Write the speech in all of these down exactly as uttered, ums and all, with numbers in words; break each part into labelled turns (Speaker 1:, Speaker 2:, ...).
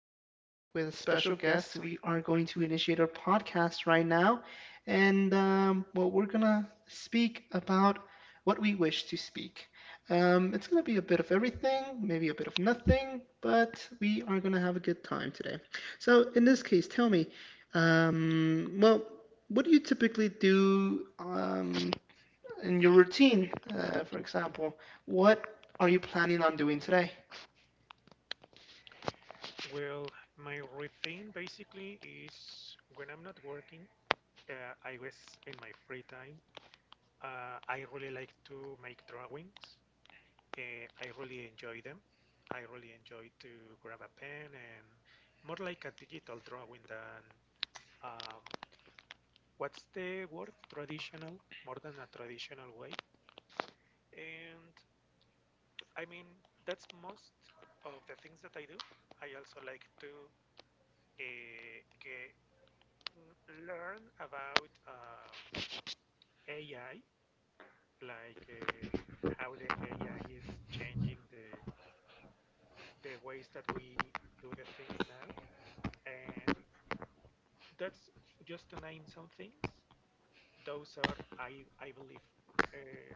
Speaker 1: today with a special guest. We are going to initiate our podcast right now, and um, well, we're gonna speak about what we wish to speak. Um, it's gonna be a bit of everything, maybe a bit of nothing, but we are gonna have a good time today. So, in this case, tell me, um, well, what do you typically do um, in your routine, uh, for example? What are you planning on doing today?
Speaker 2: Well, my routine basically is when I'm not working, uh, I was in my free time. Uh, I really like to make drawings. Uh, I really enjoy them. I really enjoy to grab a pen and more like a digital drawing than um, what's the word? Traditional, more than a traditional way. And I mean, that's most of the things that I do. I also like to uh, ge- mm, learn about uh, A I, like uh, how the A I is changing the the ways that we do the things now, and that's just to name some things. Those are, I I believe, uh,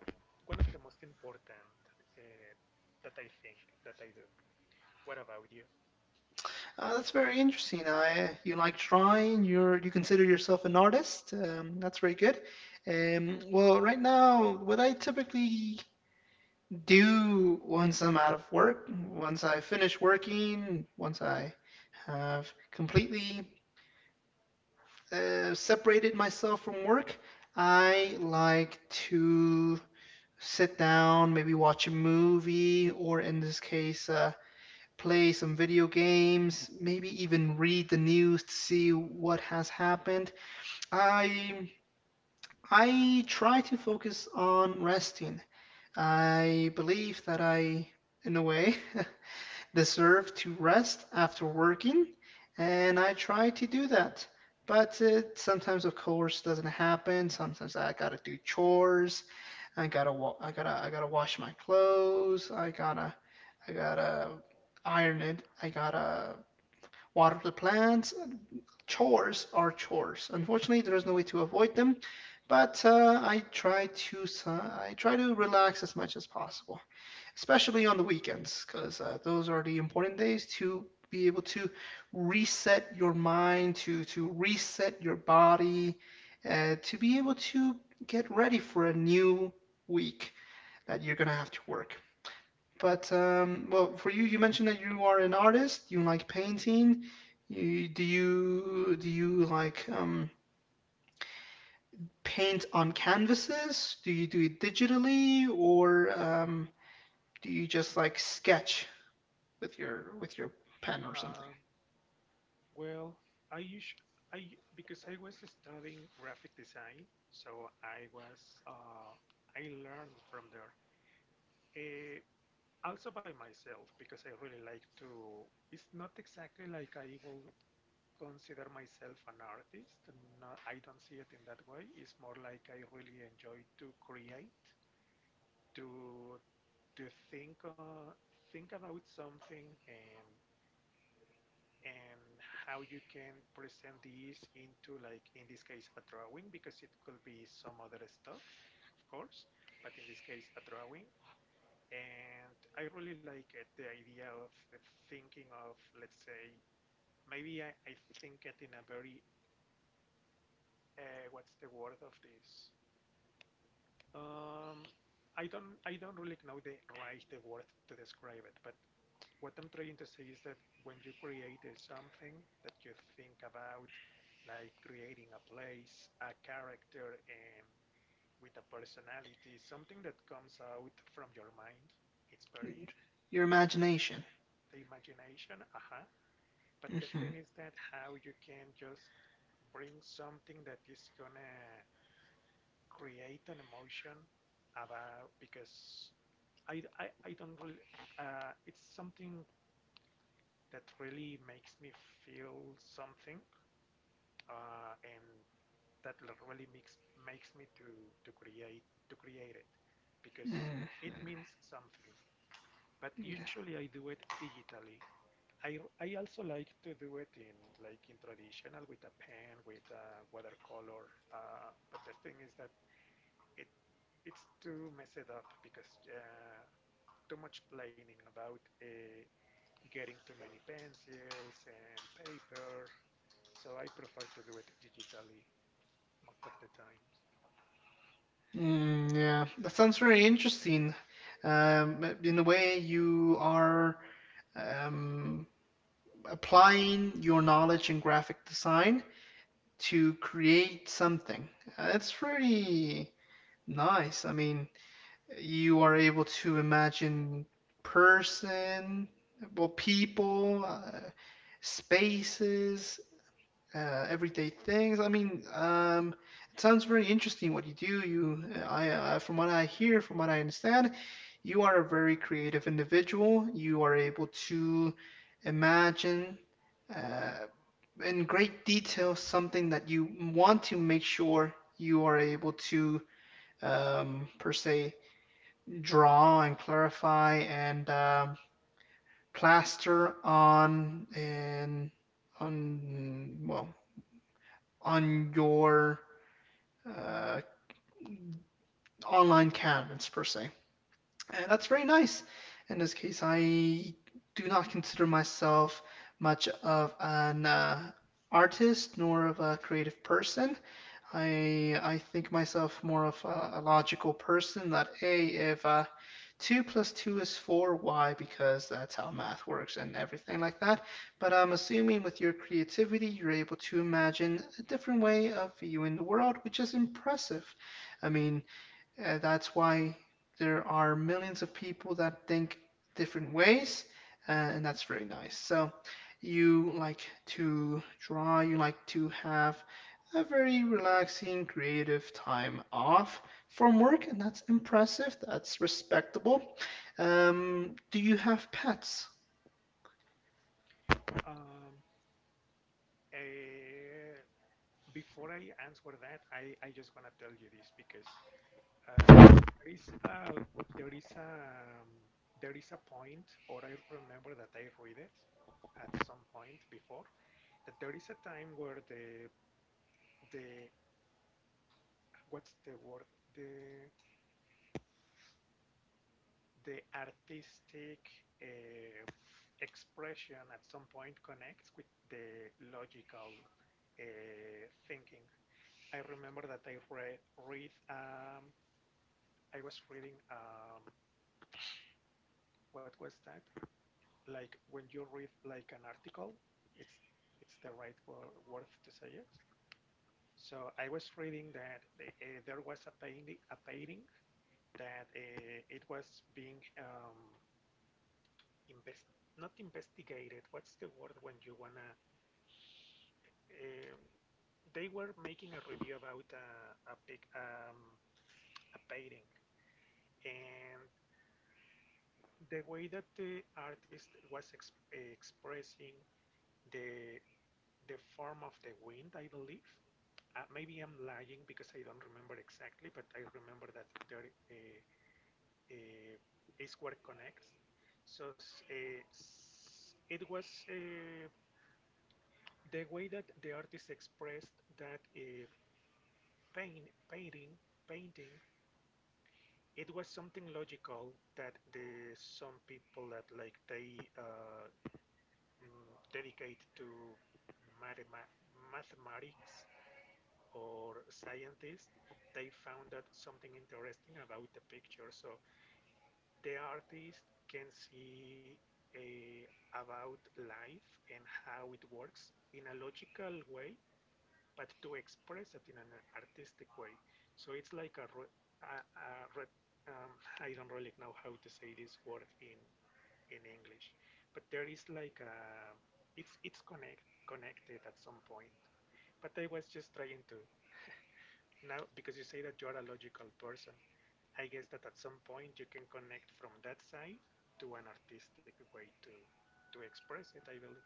Speaker 2: one of the most important uh, that I think that I do. What about you?
Speaker 1: Uh, that's very interesting. I, you like drawing. You're you consider yourself an artist. Um, that's very good. Um, well, right now, what I typically do once I'm out of work, once I finish working, once I have completely uh, separated myself from work, I like to sit down, maybe watch a movie, or in this case, uh, play some video games, maybe even read the news to see what has happened. I I try to focus on resting. I believe that I, in a way, deserve to rest after working, and I try to do that. But it sometimes, of course, doesn't happen. Sometimes I gotta do chores. I gotta wa- I gotta I gotta wash my clothes. I gotta I gotta iron it. I gotta water the plants. Chores are chores. Unfortunately, there is no way to avoid them, but uh, I try to uh, I try to relax as much as possible, especially on the weekends, because uh, those are the important days to be able to reset your mind, to to reset your body, uh, to be able to get ready for a new week that you're gonna have to work. But um, well, for you, you mentioned that you are an artist. You like painting. You, do you do you like um, paint on canvases? Do you do it digitally, or um, do you
Speaker 2: Y-
Speaker 1: just like sketch with your with your pen or something?
Speaker 2: Um, Well, I usually I because I was studying graphic design, so I was uh, I learned from there. Uh, Also by myself because I really like to. It's not exactly like I will consider myself an artist. No, I don't see it in that way. It's more like I really enjoy to create, to to think uh, think about something and and how you can present these into, like in this case, a drawing, because it could be some other stuff of course, but in this case a drawing. And I really like it, the idea of thinking of, let's say, maybe i, I think it in a very uh, what's the word of this? Um, i don't i don't really know the right the word to describe it, but what I'm trying to say is that when you create uh, something that you think about, like creating a place, a character, and with a personality, something that comes out from your mind, it's very—
Speaker 1: Your imagination.
Speaker 2: the imagination, uh-huh. But the
Speaker 1: Hmm.
Speaker 2: thing is, that how you can just bring something that is gonna create an emotion, about, because I I, I don't really— uh, it's something that really makes me feel something, uh, and that really makes makes me to to create, to create it, because
Speaker 1: Hmm.
Speaker 2: it means something. But usually I do it digitally. I, I also like to do it in, like, in traditional, with a pen, with a watercolor, uh, but the thing is that it— it's too messed up because, uh, too much planning about uh, getting too many pencils and paper. So I prefer to do it digitally most of the times.
Speaker 1: Mm, yeah, that sounds very interesting. Um, in a way, you are um, applying your knowledge in graphic design to create something. Uh, It's pretty nice. I mean, you are able to imagine person, well, people, uh, spaces, uh, everyday things. I mean, um, it sounds very interesting what you do. You, uh, I, uh, from what I hear, from what I understand, you are a very creative individual. You are able to imagine uh, in great detail something that you want to make sure you are able to, um, per se, draw and clarify and um, plaster on and on well on your uh, online canvas per se. And that's very nice. In this case, I do not consider myself much of an uh, artist nor of a creative person. I I think myself more of a, a logical person that a if uh, two plus two is four, why? Because that's how math works and everything like that. But I'm assuming with your creativity, you're able to imagine a different way of viewing the world, which is impressive. I mean, uh, that's why there are millions of people that think different ways, uh, and that's very nice. So, you like to draw, you like to have a very relaxing, creative time off from work, and that's impressive, that's respectable. Um, do you have pets?
Speaker 2: Um, eh, Before I answer that, I, I just want to tell you this, because uh, there is a, there is a, um, there is a point, or I remember that I read it at some point before, that there is a time where the, the, what's the word? The the artistic uh, expression at some point connects with the logical uh, thinking. I remember that I re- read, um, I was reading, um, what was that? Like when you read like an article, it's— it's the right wor- word to say it. So I was reading that the, uh, there was a painting, a painting that uh, it was being um, invest— not investigated. What's the word when you wanna? Um, they were making a review about a a, pic, um, a painting, and the way that the artist was ex expressing the the form of the wind, I believe. Uh, maybe I'm lying because I don't remember exactly, but I remember that there uh, uh, is where connects. So s- uh, s- it was— Uh, the way that the artist expressed that uh, pain, painting, painting, it was something logical that the— some people that, like, they uh, mm, dedicate to mathema- mathematics, or scientists, they found that something interesting about the picture. So the artist can see a— about life and how it works in a logical way, but to express it in an artistic way. So it's like a, a, a um, I don't really know how to say this word in in English, but there is like a— it's it's connect connected at some point. But I was just trying to— now, because you say that you are a logical person, I guess that at some point you can connect from that side to an artistic way to to express it. I believe.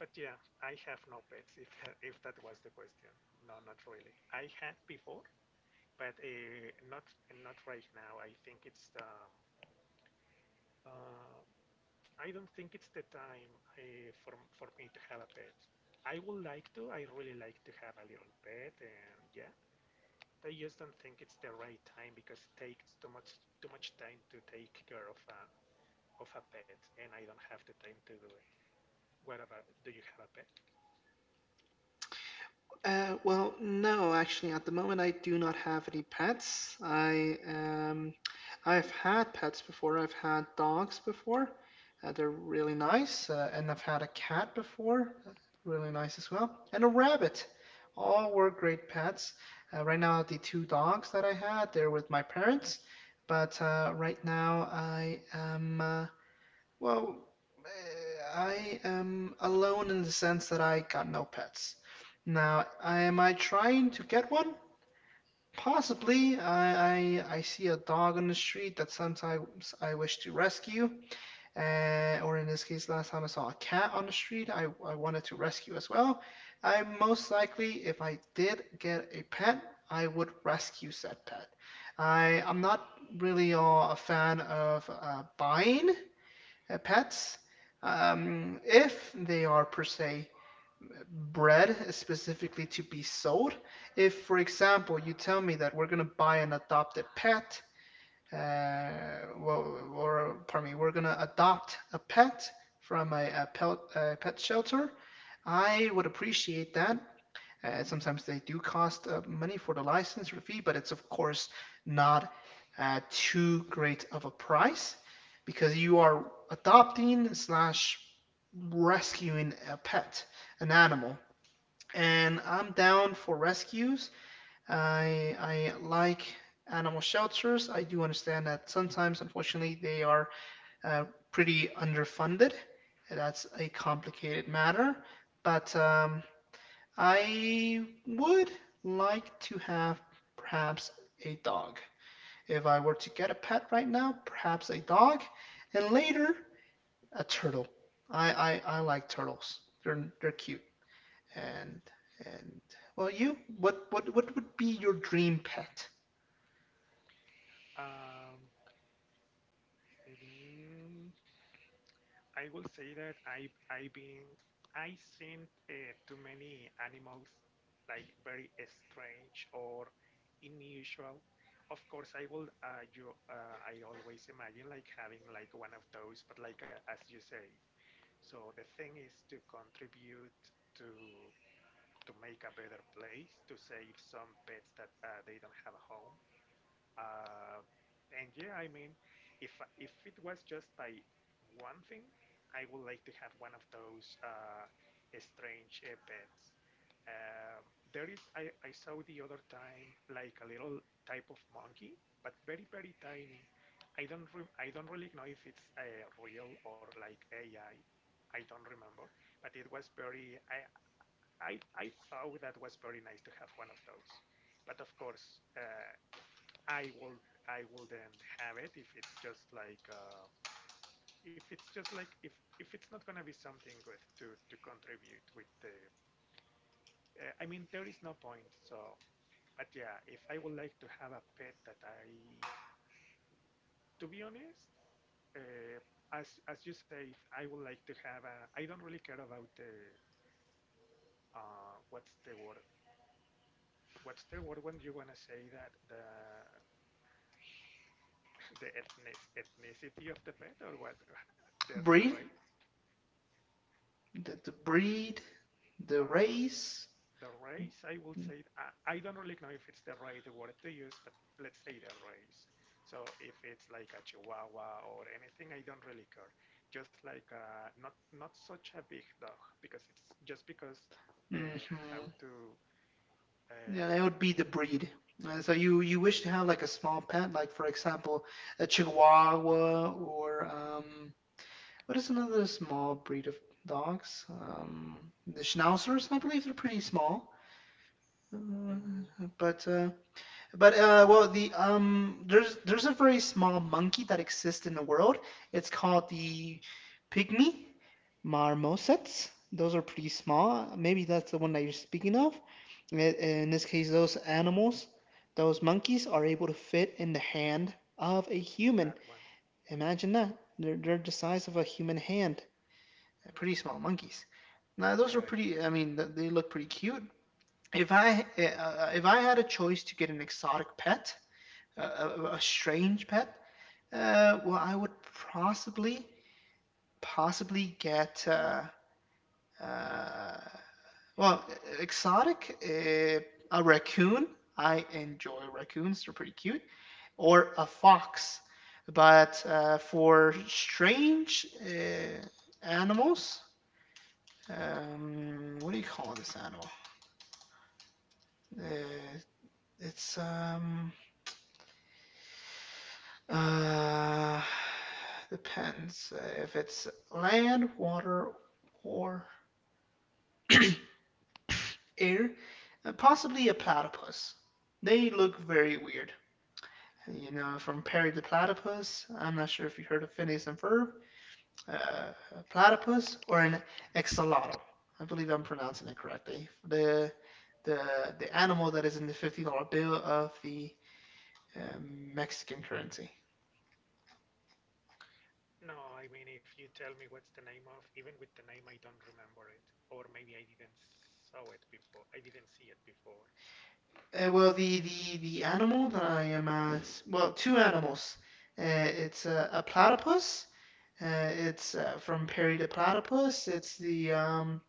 Speaker 2: But yeah, I have no pets, if if that was the question. No, not really. I had before, but uh, not— not right now. I think it's the uh, I don't think it's the time uh, for for me to have a pet. I would like to. I really like to have a little pet, and yeah, I just don't think it's the right time, because it takes too much too much time to take care of a of a pet, and I don't have the time to do it. What about, do you have a pet?
Speaker 1: Uh, well, no, actually, at the moment, I do not have any pets. I um, I've had pets before. I've had dogs before. Uh, they're really nice, uh, and I've had a cat before, uh, really nice as well, and a rabbit. All were great pets. Uh, right now, the two dogs that I had, they're with my parents, but uh, right now I am. Uh, well, eh, I am alone in the sense that I got no pets. Now, am I trying to get one? Possibly. I, I, I see a dog on the street that sometimes I wish to rescue, uh, or in this case, last time I saw a cat on the street, I, I wanted to rescue as well. I most likely, if I did get a pet, I would rescue said pet. I, I'm not really uh, a fan of uh, buying uh, pets um, if they are per se bred specifically to be sold. If, for example, you tell me that we're gonna buy an adopted pet, uh, well, or pardon me, we're gonna adopt a pet from a, a, pet, a pet shelter, I would appreciate that uh, sometimes they do cost uh, money for the license or the fee, but it's of course not uh, too great of a price because you are adopting slash rescuing a pet, an animal. And I'm down for rescues. I I like animal shelters. I do understand that sometimes, unfortunately, they are uh, pretty underfunded. That's a complicated matter, but um, I would like to have perhaps a dog. If I were to get a pet right now, perhaps a dog, and later a turtle. I, I, I like turtles. They're they're cute. And and well, you what what what would be your dream pet?
Speaker 2: Um, Mm, I will say that I I've been— I seen uh, too many animals, like, very strange or unusual. Of course, I will uh, you uh, I always imagine like having like one of those, but, like, uh, as you say. So the thing is to contribute to to make a better place, to save some pets that uh, they don't have a home. Uh, and yeah, I mean, if if it was just by one thing, I would like to have one of those uh, strange uh, pets. Um, there is, I, I saw the other time like a little type of monkey, but very, very tiny. I don't re I don't really know if it's uh, real or like A I. I I don't remember, but it was very, I, I, I thought that was very nice to have one of those. But of course, uh, I will— I will then have it if it's just like, uh, if it's just like— if if it's not gonna be something with, to to contribute with the uh, I mean, there is no point. So, but yeah, if I would like to have a pet, that I to be honest, uh, as as you say, if I would like to have a— I don't really care about the uh, what's the word, what's the word, when you wanna say that the the ethnic, ethnicity of the pet, or what the the
Speaker 1: Breed?
Speaker 2: race.
Speaker 1: The the breed, the
Speaker 2: uh,
Speaker 1: race?
Speaker 2: the race, I will say, I, I don't really know if it's the race the word to use, but let's say the race. So if it's like a Chihuahua or anything, I don't really care. Just like, uh, not— not such a big dog, because it's just because, uh, how
Speaker 1: Mm-hmm.
Speaker 2: to
Speaker 1: Yeah, that
Speaker 2: um,
Speaker 1: would be the breed. Uh, so you
Speaker 2: the
Speaker 1: you wish
Speaker 2: breed.
Speaker 1: to have like a small pet, like for example, a Chihuahua or um, what is another small breed of dogs? Um, the Schnauzers, I believe they're pretty small. Uh,
Speaker 2: Mm,
Speaker 1: but uh, but uh, well, the um, there's there's a very small monkey that exists in the world. It's called the pygmy marmosets. Those are pretty small. Maybe that's the one that you're speaking of. I- In this case, those animals, those monkeys, are able to fit in the hand of a human.
Speaker 2: that one,
Speaker 1: Imagine that. They're they're the size of a human hand. Pretty small monkeys. Now those are
Speaker 2: right?
Speaker 1: pretty. I mean, th- they look pretty cute. If I uh, if I had a choice to get an exotic pet a, a, a strange pet, uh, well, I would possibly, possibly get, uh, uh, well, exotic, uh, a raccoon. I enjoy raccoons, they're pretty cute, or a fox. But uh, for strange uh, animals, um, what do you call this animal? Uh, it's um, Uh, depends uh, if it's land, water, or air. Uh, possibly a platypus. They look very weird. You know, from Perry the Platypus. I'm not sure if you heard of Phineas and Ferb. Uh, a platypus or an axolotl. I believe I'm pronouncing it correctly. The the the animal that is in the fifty dollar bill of the uh, Mexican currency.
Speaker 2: No, I mean, if you tell me what's the name of, even with the name, I don't remember it, or maybe I didn't saw it before. I didn't see it before.
Speaker 1: Uh, well, the the the animal that I am uh, s- well, two animals. Uh, it's a, a platypus. Uh, it's uh, from Perry the Platypus. It's the um,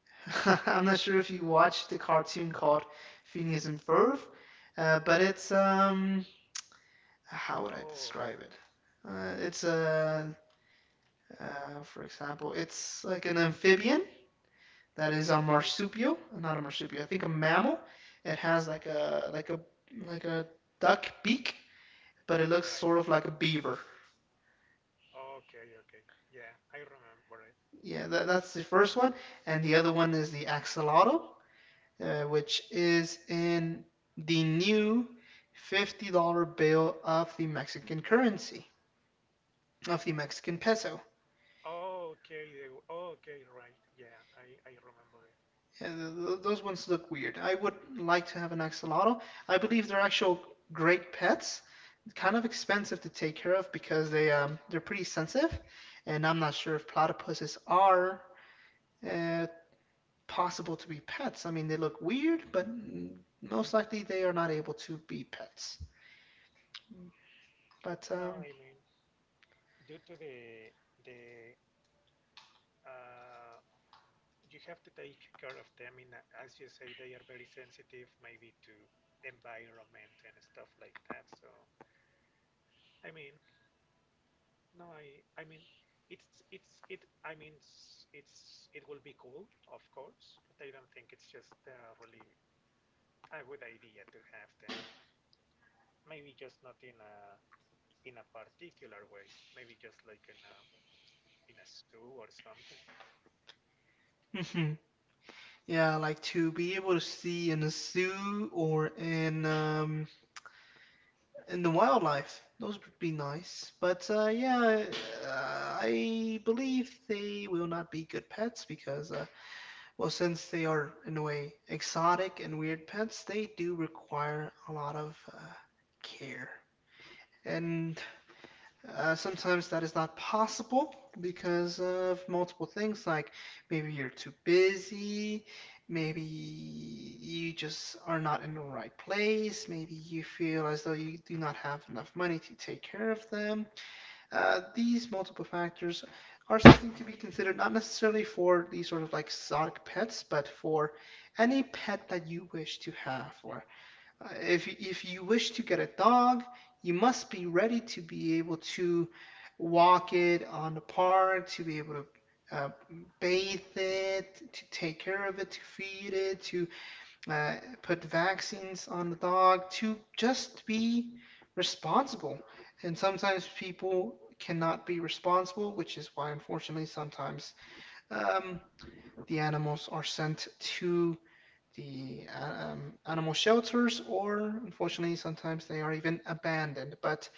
Speaker 1: I'm not sure if you watched the cartoon called Phineas and Ferb, uh, but it's um, how would I
Speaker 2: Oh,
Speaker 1: describe it? Uh, it's a uh, for example, it's like an amphibian that is a
Speaker 2: like.
Speaker 1: marsupial, not a marsupial. I think a mammal. It has like a like a like a duck beak but it looks
Speaker 2: Right.
Speaker 1: sort of like a beaver.
Speaker 2: Okay, okay. Yeah, I remember it.
Speaker 1: Yeah, that, that's the first one. And the other one is the axolotl, uh, which is in the new fifty dollar bill of the Mexican currency, of the Mexican peso.
Speaker 2: Okay, the, okay, right. Yeah, I, I remember it.
Speaker 1: Yeah, th- those ones look weird. I would like to have an axolotl. I believe they're actual great pets, kind of expensive to take care of because they um, they're pretty sensitive, and I'm not sure if platypuses are uh, possible to be pets. I mean, they look weird, but mm, most likely they are not able to be pets. But
Speaker 2: No,
Speaker 1: um,
Speaker 2: I mean, due to the the uh, you have to take care of them in— a- as you say, they are very sensitive, maybe to environment and stuff like that. So, I mean, no, I, I mean, it's— it's it. I mean, s- it's— it will be cool, of course, but I don't think it's just a really a good idea to have them, maybe just not in a in a particular way, maybe just like in a in a zoo or something. In
Speaker 1: yeah, like to be able to see in a zoo or in um, in the wildlife, those would be nice. But uh, yeah, uh, I believe they will not be good pets because, uh, well, since they are in a way exotic and weird pets, they do require a lot of uh, care. And Uh, sometimes that is not possible because of multiple things, like maybe you're too busy, maybe you just are not in the right place, maybe you feel as though you do not have enough money to take care of them. Uh, these multiple factors are something to be considered, not necessarily for these sort of like exotic pets, but for any pet that you wish to have or uh, if if you wish to get a dog, you must be ready to be able to walk it on the park, to be able to uh, bathe it, to take care of it, to feed it, to uh, put vaccines on the dog, to just be responsible. And sometimes people cannot be responsible, which is why, unfortunately, sometimes um, the animals are sent to the uh, um, animal shelters, or unfortunately, sometimes they are even abandoned. But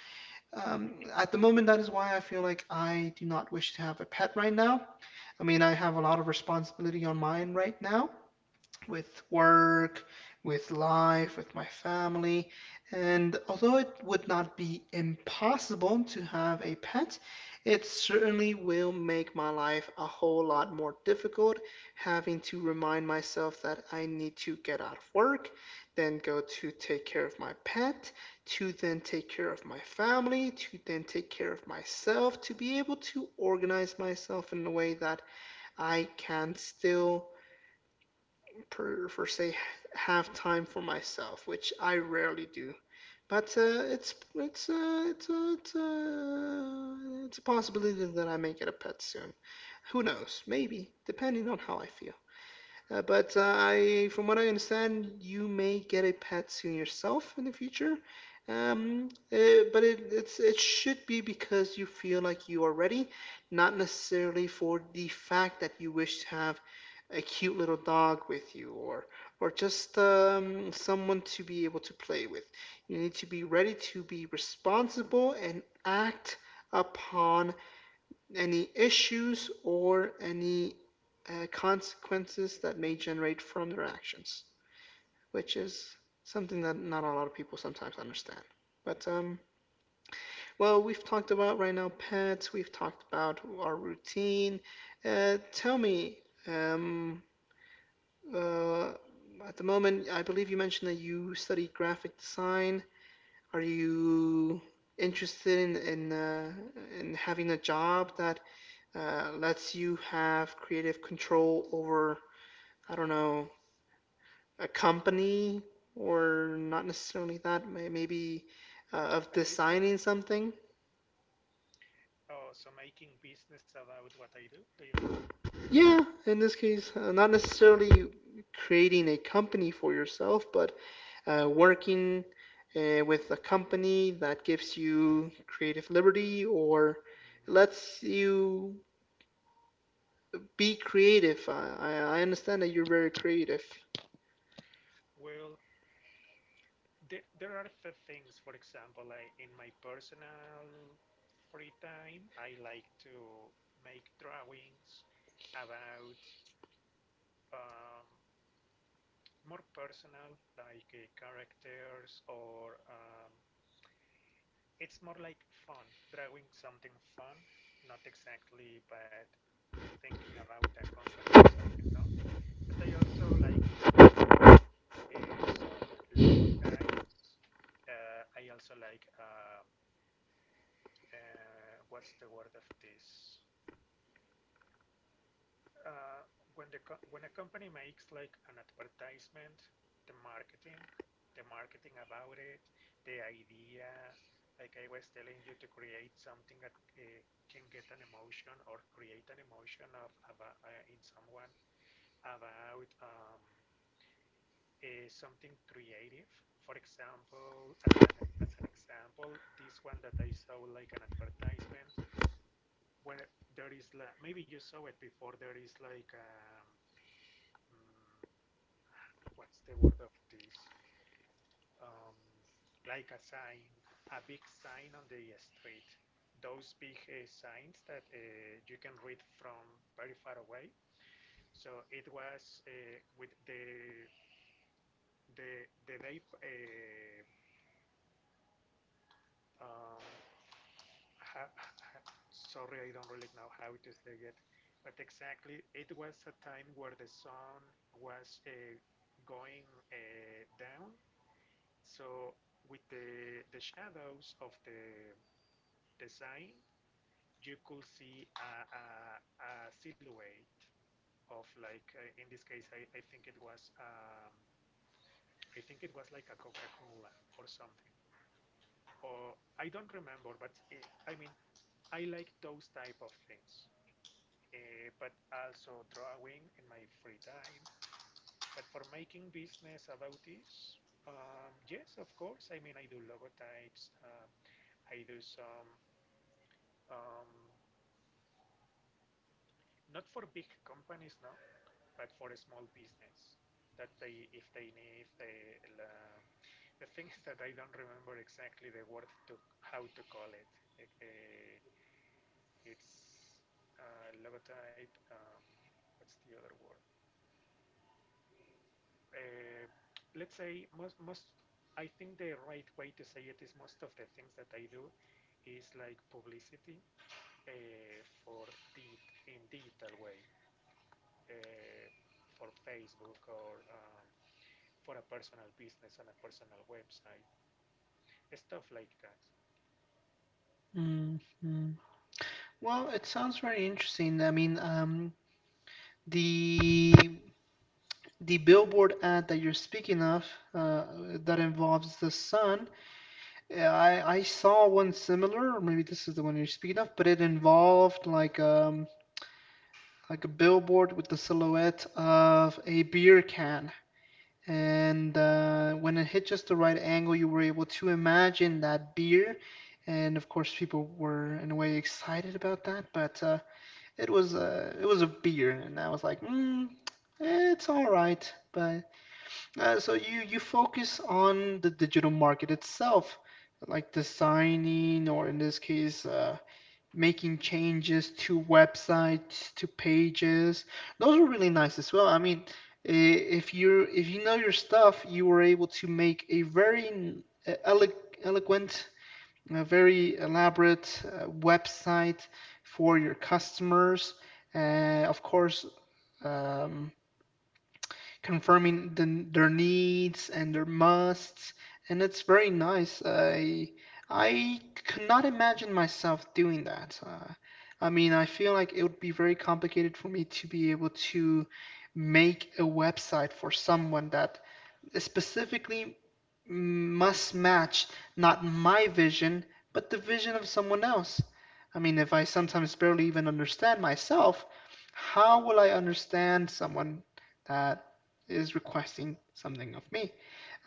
Speaker 1: um, at the moment, that is why I feel like I do not wish to have a pet right now. I mean, I have a lot of responsibility on mine right now, with work, with life, with my family. And although it would not be impossible to have a pet, it certainly will make my life a whole lot more difficult, having to remind myself that I need to get out of work, then go to take care of my pet, to then take care of my family, to then take care of myself, to be able to organize myself in a way that I can still per, per se have time for myself, which I rarely do. But uh, it's it's uh, it's uh, it's, uh, it's a possibility that I may get a pet soon. Who knows? Maybe, depending on how I feel. Uh, but uh, I, from what I understand, you may get a pet soon yourself in the future. Um, uh, but it, it's it should be because you feel like you are ready, not necessarily for the fact that you wish to have a cute little dog with you or or just um, someone to be able to play with. You need to be ready to be responsible and act upon any issues or any uh, consequences that may generate from their actions, which is something that not a lot of people sometimes understand. But um, well, we've talked about right now pets. We've talked about our routine. Uh, tell me, um, uh, at the moment, I believe you mentioned that you study graphic design. Are you interested in in, uh, in having a job that uh, lets you have creative control over, I don't know, a company or not necessarily that, may- maybe uh, of
Speaker 2: a business?
Speaker 1: designing something?
Speaker 2: Oh, so making business about what I do? Do you mean?
Speaker 1: Yeah, in this case, uh, not necessarily creating a company for yourself, but uh, working uh, with a company that gives you creative liberty or
Speaker 2: Mm,
Speaker 1: lets you be creative. I, I understand that you're very creative.
Speaker 2: Well, there there are the things. For example, I, in my personal free time, I like to make drawings about um, more personal, like, uh, characters, or um, it's more like fun, drawing something fun, not exactly, but thinking about a company or something now. But I also like to do uh, some logotypes. Uh, I also like uh, uh, what's the word of this? Uh, when the co- when a company makes like an advertisement, the marketing, the marketing about it, the idea. Like I was telling you, to create something that uh, can get an emotion, or create an emotion of about, uh, in someone, about um, uh, something creative. For example, as an as an example, this one that I saw, like an advertisement, where there is like, maybe you saw it before. There is like, um, mm, what's the word of this? Um, like a sign, a big sign on the street. Those big uh, signs that uh, you can read from very far away. So it was uh, with the the the day, uh, um, ha- ha- sorry, I don't really know how to say it, but exactly, it was a time where the sun was uh, going uh, down. So with the the shadows of the the sign, you could see a, a, a silhouette of, like, uh, in this case, I, I think it was um, I think it was like a Coca-Cola or something. Or I don't remember, but it, I mean, I like those type of things. Eh, but also drawing in my free time. But for making business about this, um, yes, of course. I mean, I do logotypes. Uh, I do some, um, not for big companies now, but for a small business that they, if they need the, the, the thing is that I don't remember exactly the word to how to call it. Eh, eh, it's uh, logotype. Um, what's the other word? uh, let's say most most I think the right way to say it is most of the things that I do is like publicity uh, for di in digital way, uh, for Facebook, or um, for a personal business on a personal website, stuff like that.
Speaker 1: Mm, mm. Well, it sounds very interesting. I mean, um, the the billboard ad that you're speaking of, uh, that involves the sun. eh, I I saw one similar. or Maybe this is the one you're speaking of, but it involved like um like a billboard with the silhouette of a beer can. and uh, when it hit just the right angle, you were able to imagine that beer. And of course, people were in a way excited about that, but uh, it was a it was a beer, and I was like, mm, eh, it's all right. But uh, so you you focus on the digital market itself, like designing, or in this case, uh, making changes to websites, to pages. Those were really nice as well. I mean, eh, if you if you know your stuff, you were able to make a very n- eh, elo- eloquent, a very elaborate uh, website for your customers. Uh, of course, um, confirming the, their needs and their musts, and it's very nice. I I could not imagine myself doing that. Uh, I mean, I feel like it would be very complicated for me to be able to make a website for someone that specifically must match not my vision, but the vision of someone else. I mean, if I sometimes barely even understand myself, how will I understand someone that is requesting something of me?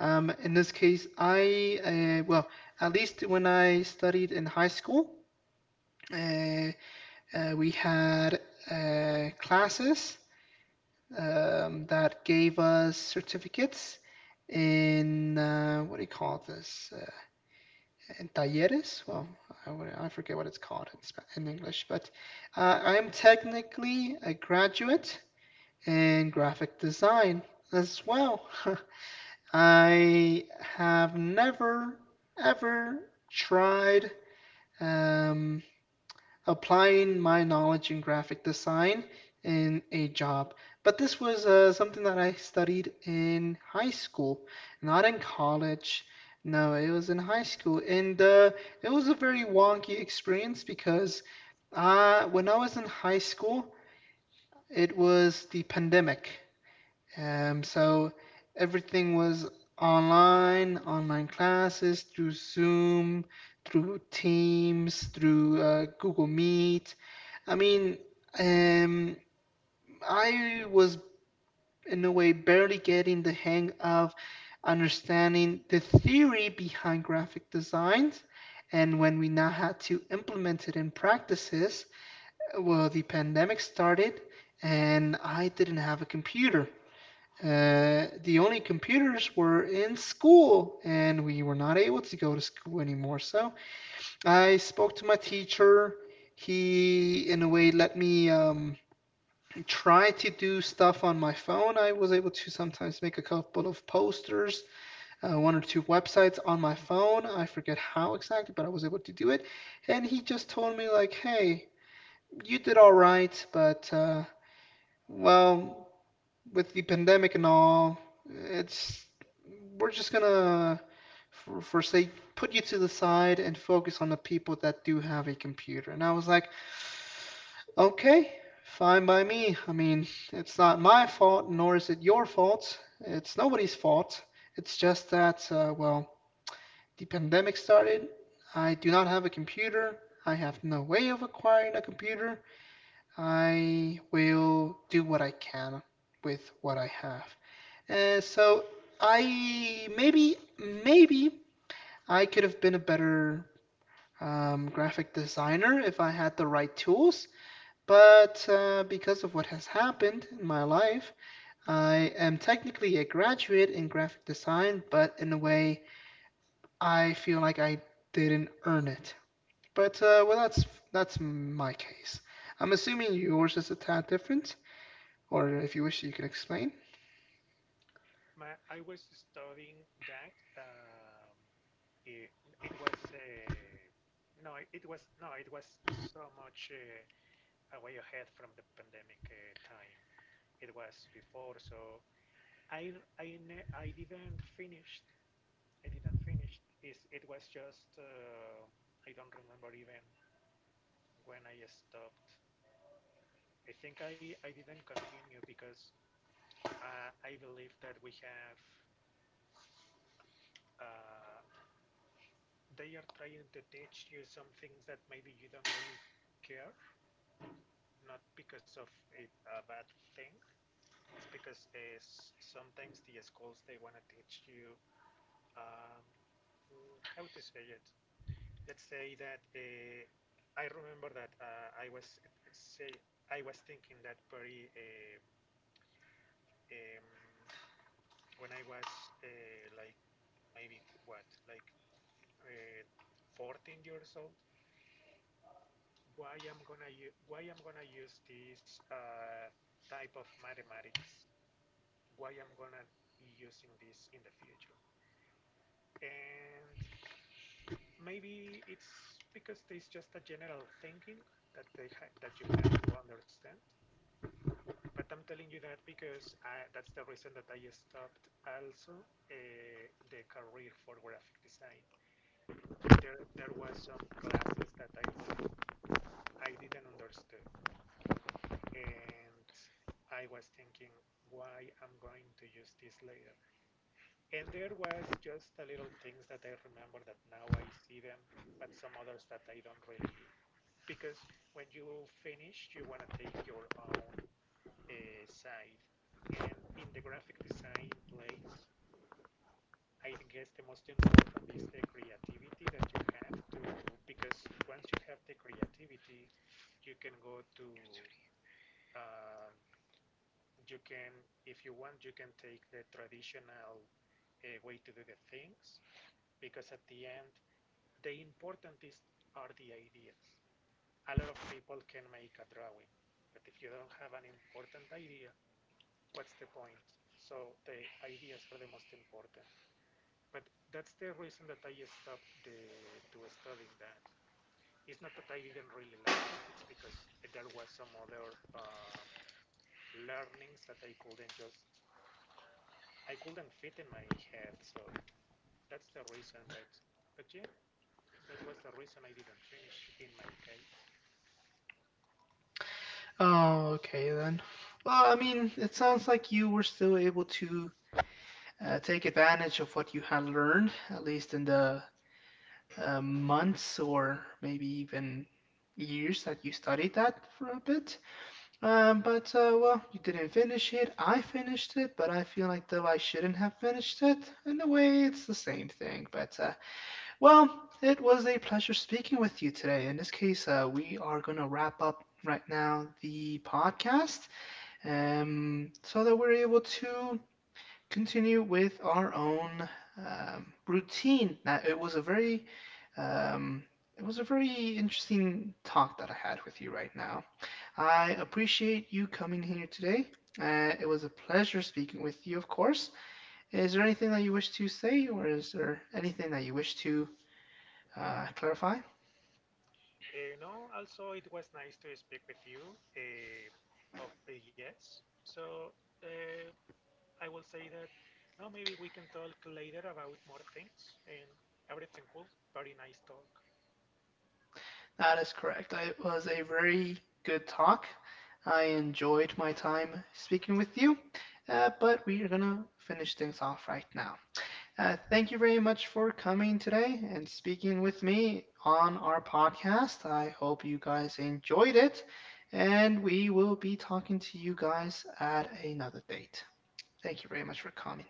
Speaker 1: Um, in this case, I, uh, well, at least when I studied in high school, uh, uh, we had uh, classes um, that gave us certificates in, uh, what do you call this? Uh, and talleres. Well, I, I forget what it's called in, Spa- in English, but uh, I am technically a graduate in graphic design as well. I have never ever tried um, applying my knowledge in graphic design in a job. But this was uh, something that I studied in high school, not in college. No, it was in high school, and uh, it was a very wonky experience because uh, when I was in high school, it was the pandemic. Um, so everything was online, online classes through Zoom, through Teams, through uh, Google Meet. I mean, um, I was in a way barely getting the hang of understanding the theory behind graphic designs. And when we now had to implement it in practices, well, the pandemic started and I didn't have a computer. Uh, the only computers were in school, and we were not able to go to school anymore. So I spoke to my teacher. He, in a way, let me um, try to do stuff on my phone. I was able to sometimes make a couple of posters, uh, one or two websites on my phone. I forget how exactly, but I was able to do it. And he just told me, like, hey, you did all right, but, uh, well, with the pandemic and all, it's, we're just gonna, for, for say, put you to the side and focus on the people that do have a computer. And I was like, okay, fine by me. I mean, it's not my fault, nor is it your fault. It's nobody's fault. It's just that, uh, well, the pandemic started. I do not have a computer. I have no way of acquiring a computer. I will do what I can with what I have. And so I maybe, maybe I could have been a better um, graphic designer if I had the right tools. But uh, because of what has happened in my life, I am technically a graduate in graphic design, but in a way, I feel like I didn't earn it. But uh, well, that's that's my case. I'm assuming yours is a tad different, or if you wish, you can explain.
Speaker 2: My, I was studying that. Um, it, it was uh, no, it was no, it was so much uh, away ahead from the pandemic uh, time. It was before. So I I ne- I didn't finish. I didn't finish. It's, it was just uh, I don't remember even when I stopped. I think I I didn't continue because uh, I believe that we have. Uh, they are trying to teach you some things that maybe you don't really care, not because of it a bad thing. It's because uh, sometimes the schools they want to teach you um, mm, how to say it, let's say that uh, I remember that uh, I was say I was thinking that very uh, um, when I was uh, like maybe what like uh, fourteen years old. Why I'm gonna u- why I'm gonna use this uh, type of mathematics? Why I'm gonna be using this in the future? And maybe it's because there's just a general thinking that they ha- that you have to understand. But I'm telling you that because I, that's the reason that I stopped also uh, the career for graphic design. There, there was some classes that I really I didn't understood, and I was thinking, why I'm going to use this later? And there was just a little things that I remember that now I see them, but some others that I don't really, because when you finish, you want to take your own uh, side. And in the graphic design place, I guess the most important is the creativity that you have to, because once you have the creativity, you can go to, um, you can, if you want, you can take the traditional uh, way to do the things, because at the end, the importantest are the ideas. A lot of people can make a drawing, but if you don't have an important idea, what's the point? So the ideas are the most important. But that's the reason that I stopped the, to studying that. It's not that I didn't really like it, it's because there was some other um, learnings that I couldn't just, I couldn't fit in my head. So that's the reason, but, but yeah, that was the reason I didn't finish in my case.
Speaker 1: Oh, okay then. Well, I mean, it sounds like you were still able to uh, take advantage of what you had learned, at least in the uh, months or maybe even years that you studied that for a bit. Um, but uh, well, you didn't finish it. I finished it, but I feel like though I shouldn't have finished it. In a way, it's the same thing. But uh, well, it was a pleasure speaking with you today. In this case, uh, we are gonna wrap up right now the podcast, um, so that we're able to continue with our own um, routine. Now, it was a very um, it was a very interesting talk that I had with you right now. I appreciate you coming here today. Uh, it was a pleasure speaking with you, of course. Is there anything that you wish to say, or is there anything that you wish to uh, clarify?
Speaker 2: Uh, no, also it was nice to speak with you uh, of eh, yes. So uh, I will say that no, maybe we can talk later about more things, and everything cool. Very nice talk.
Speaker 1: That is correct. It was a very good talk. I enjoyed my time speaking with you, uh, but we are gonna finish things off right now. Uh, thank you very much for coming today and speaking with me on our podcast. I hope you guys enjoyed it, and we will be talking to you guys at another date. Thank you very much for coming.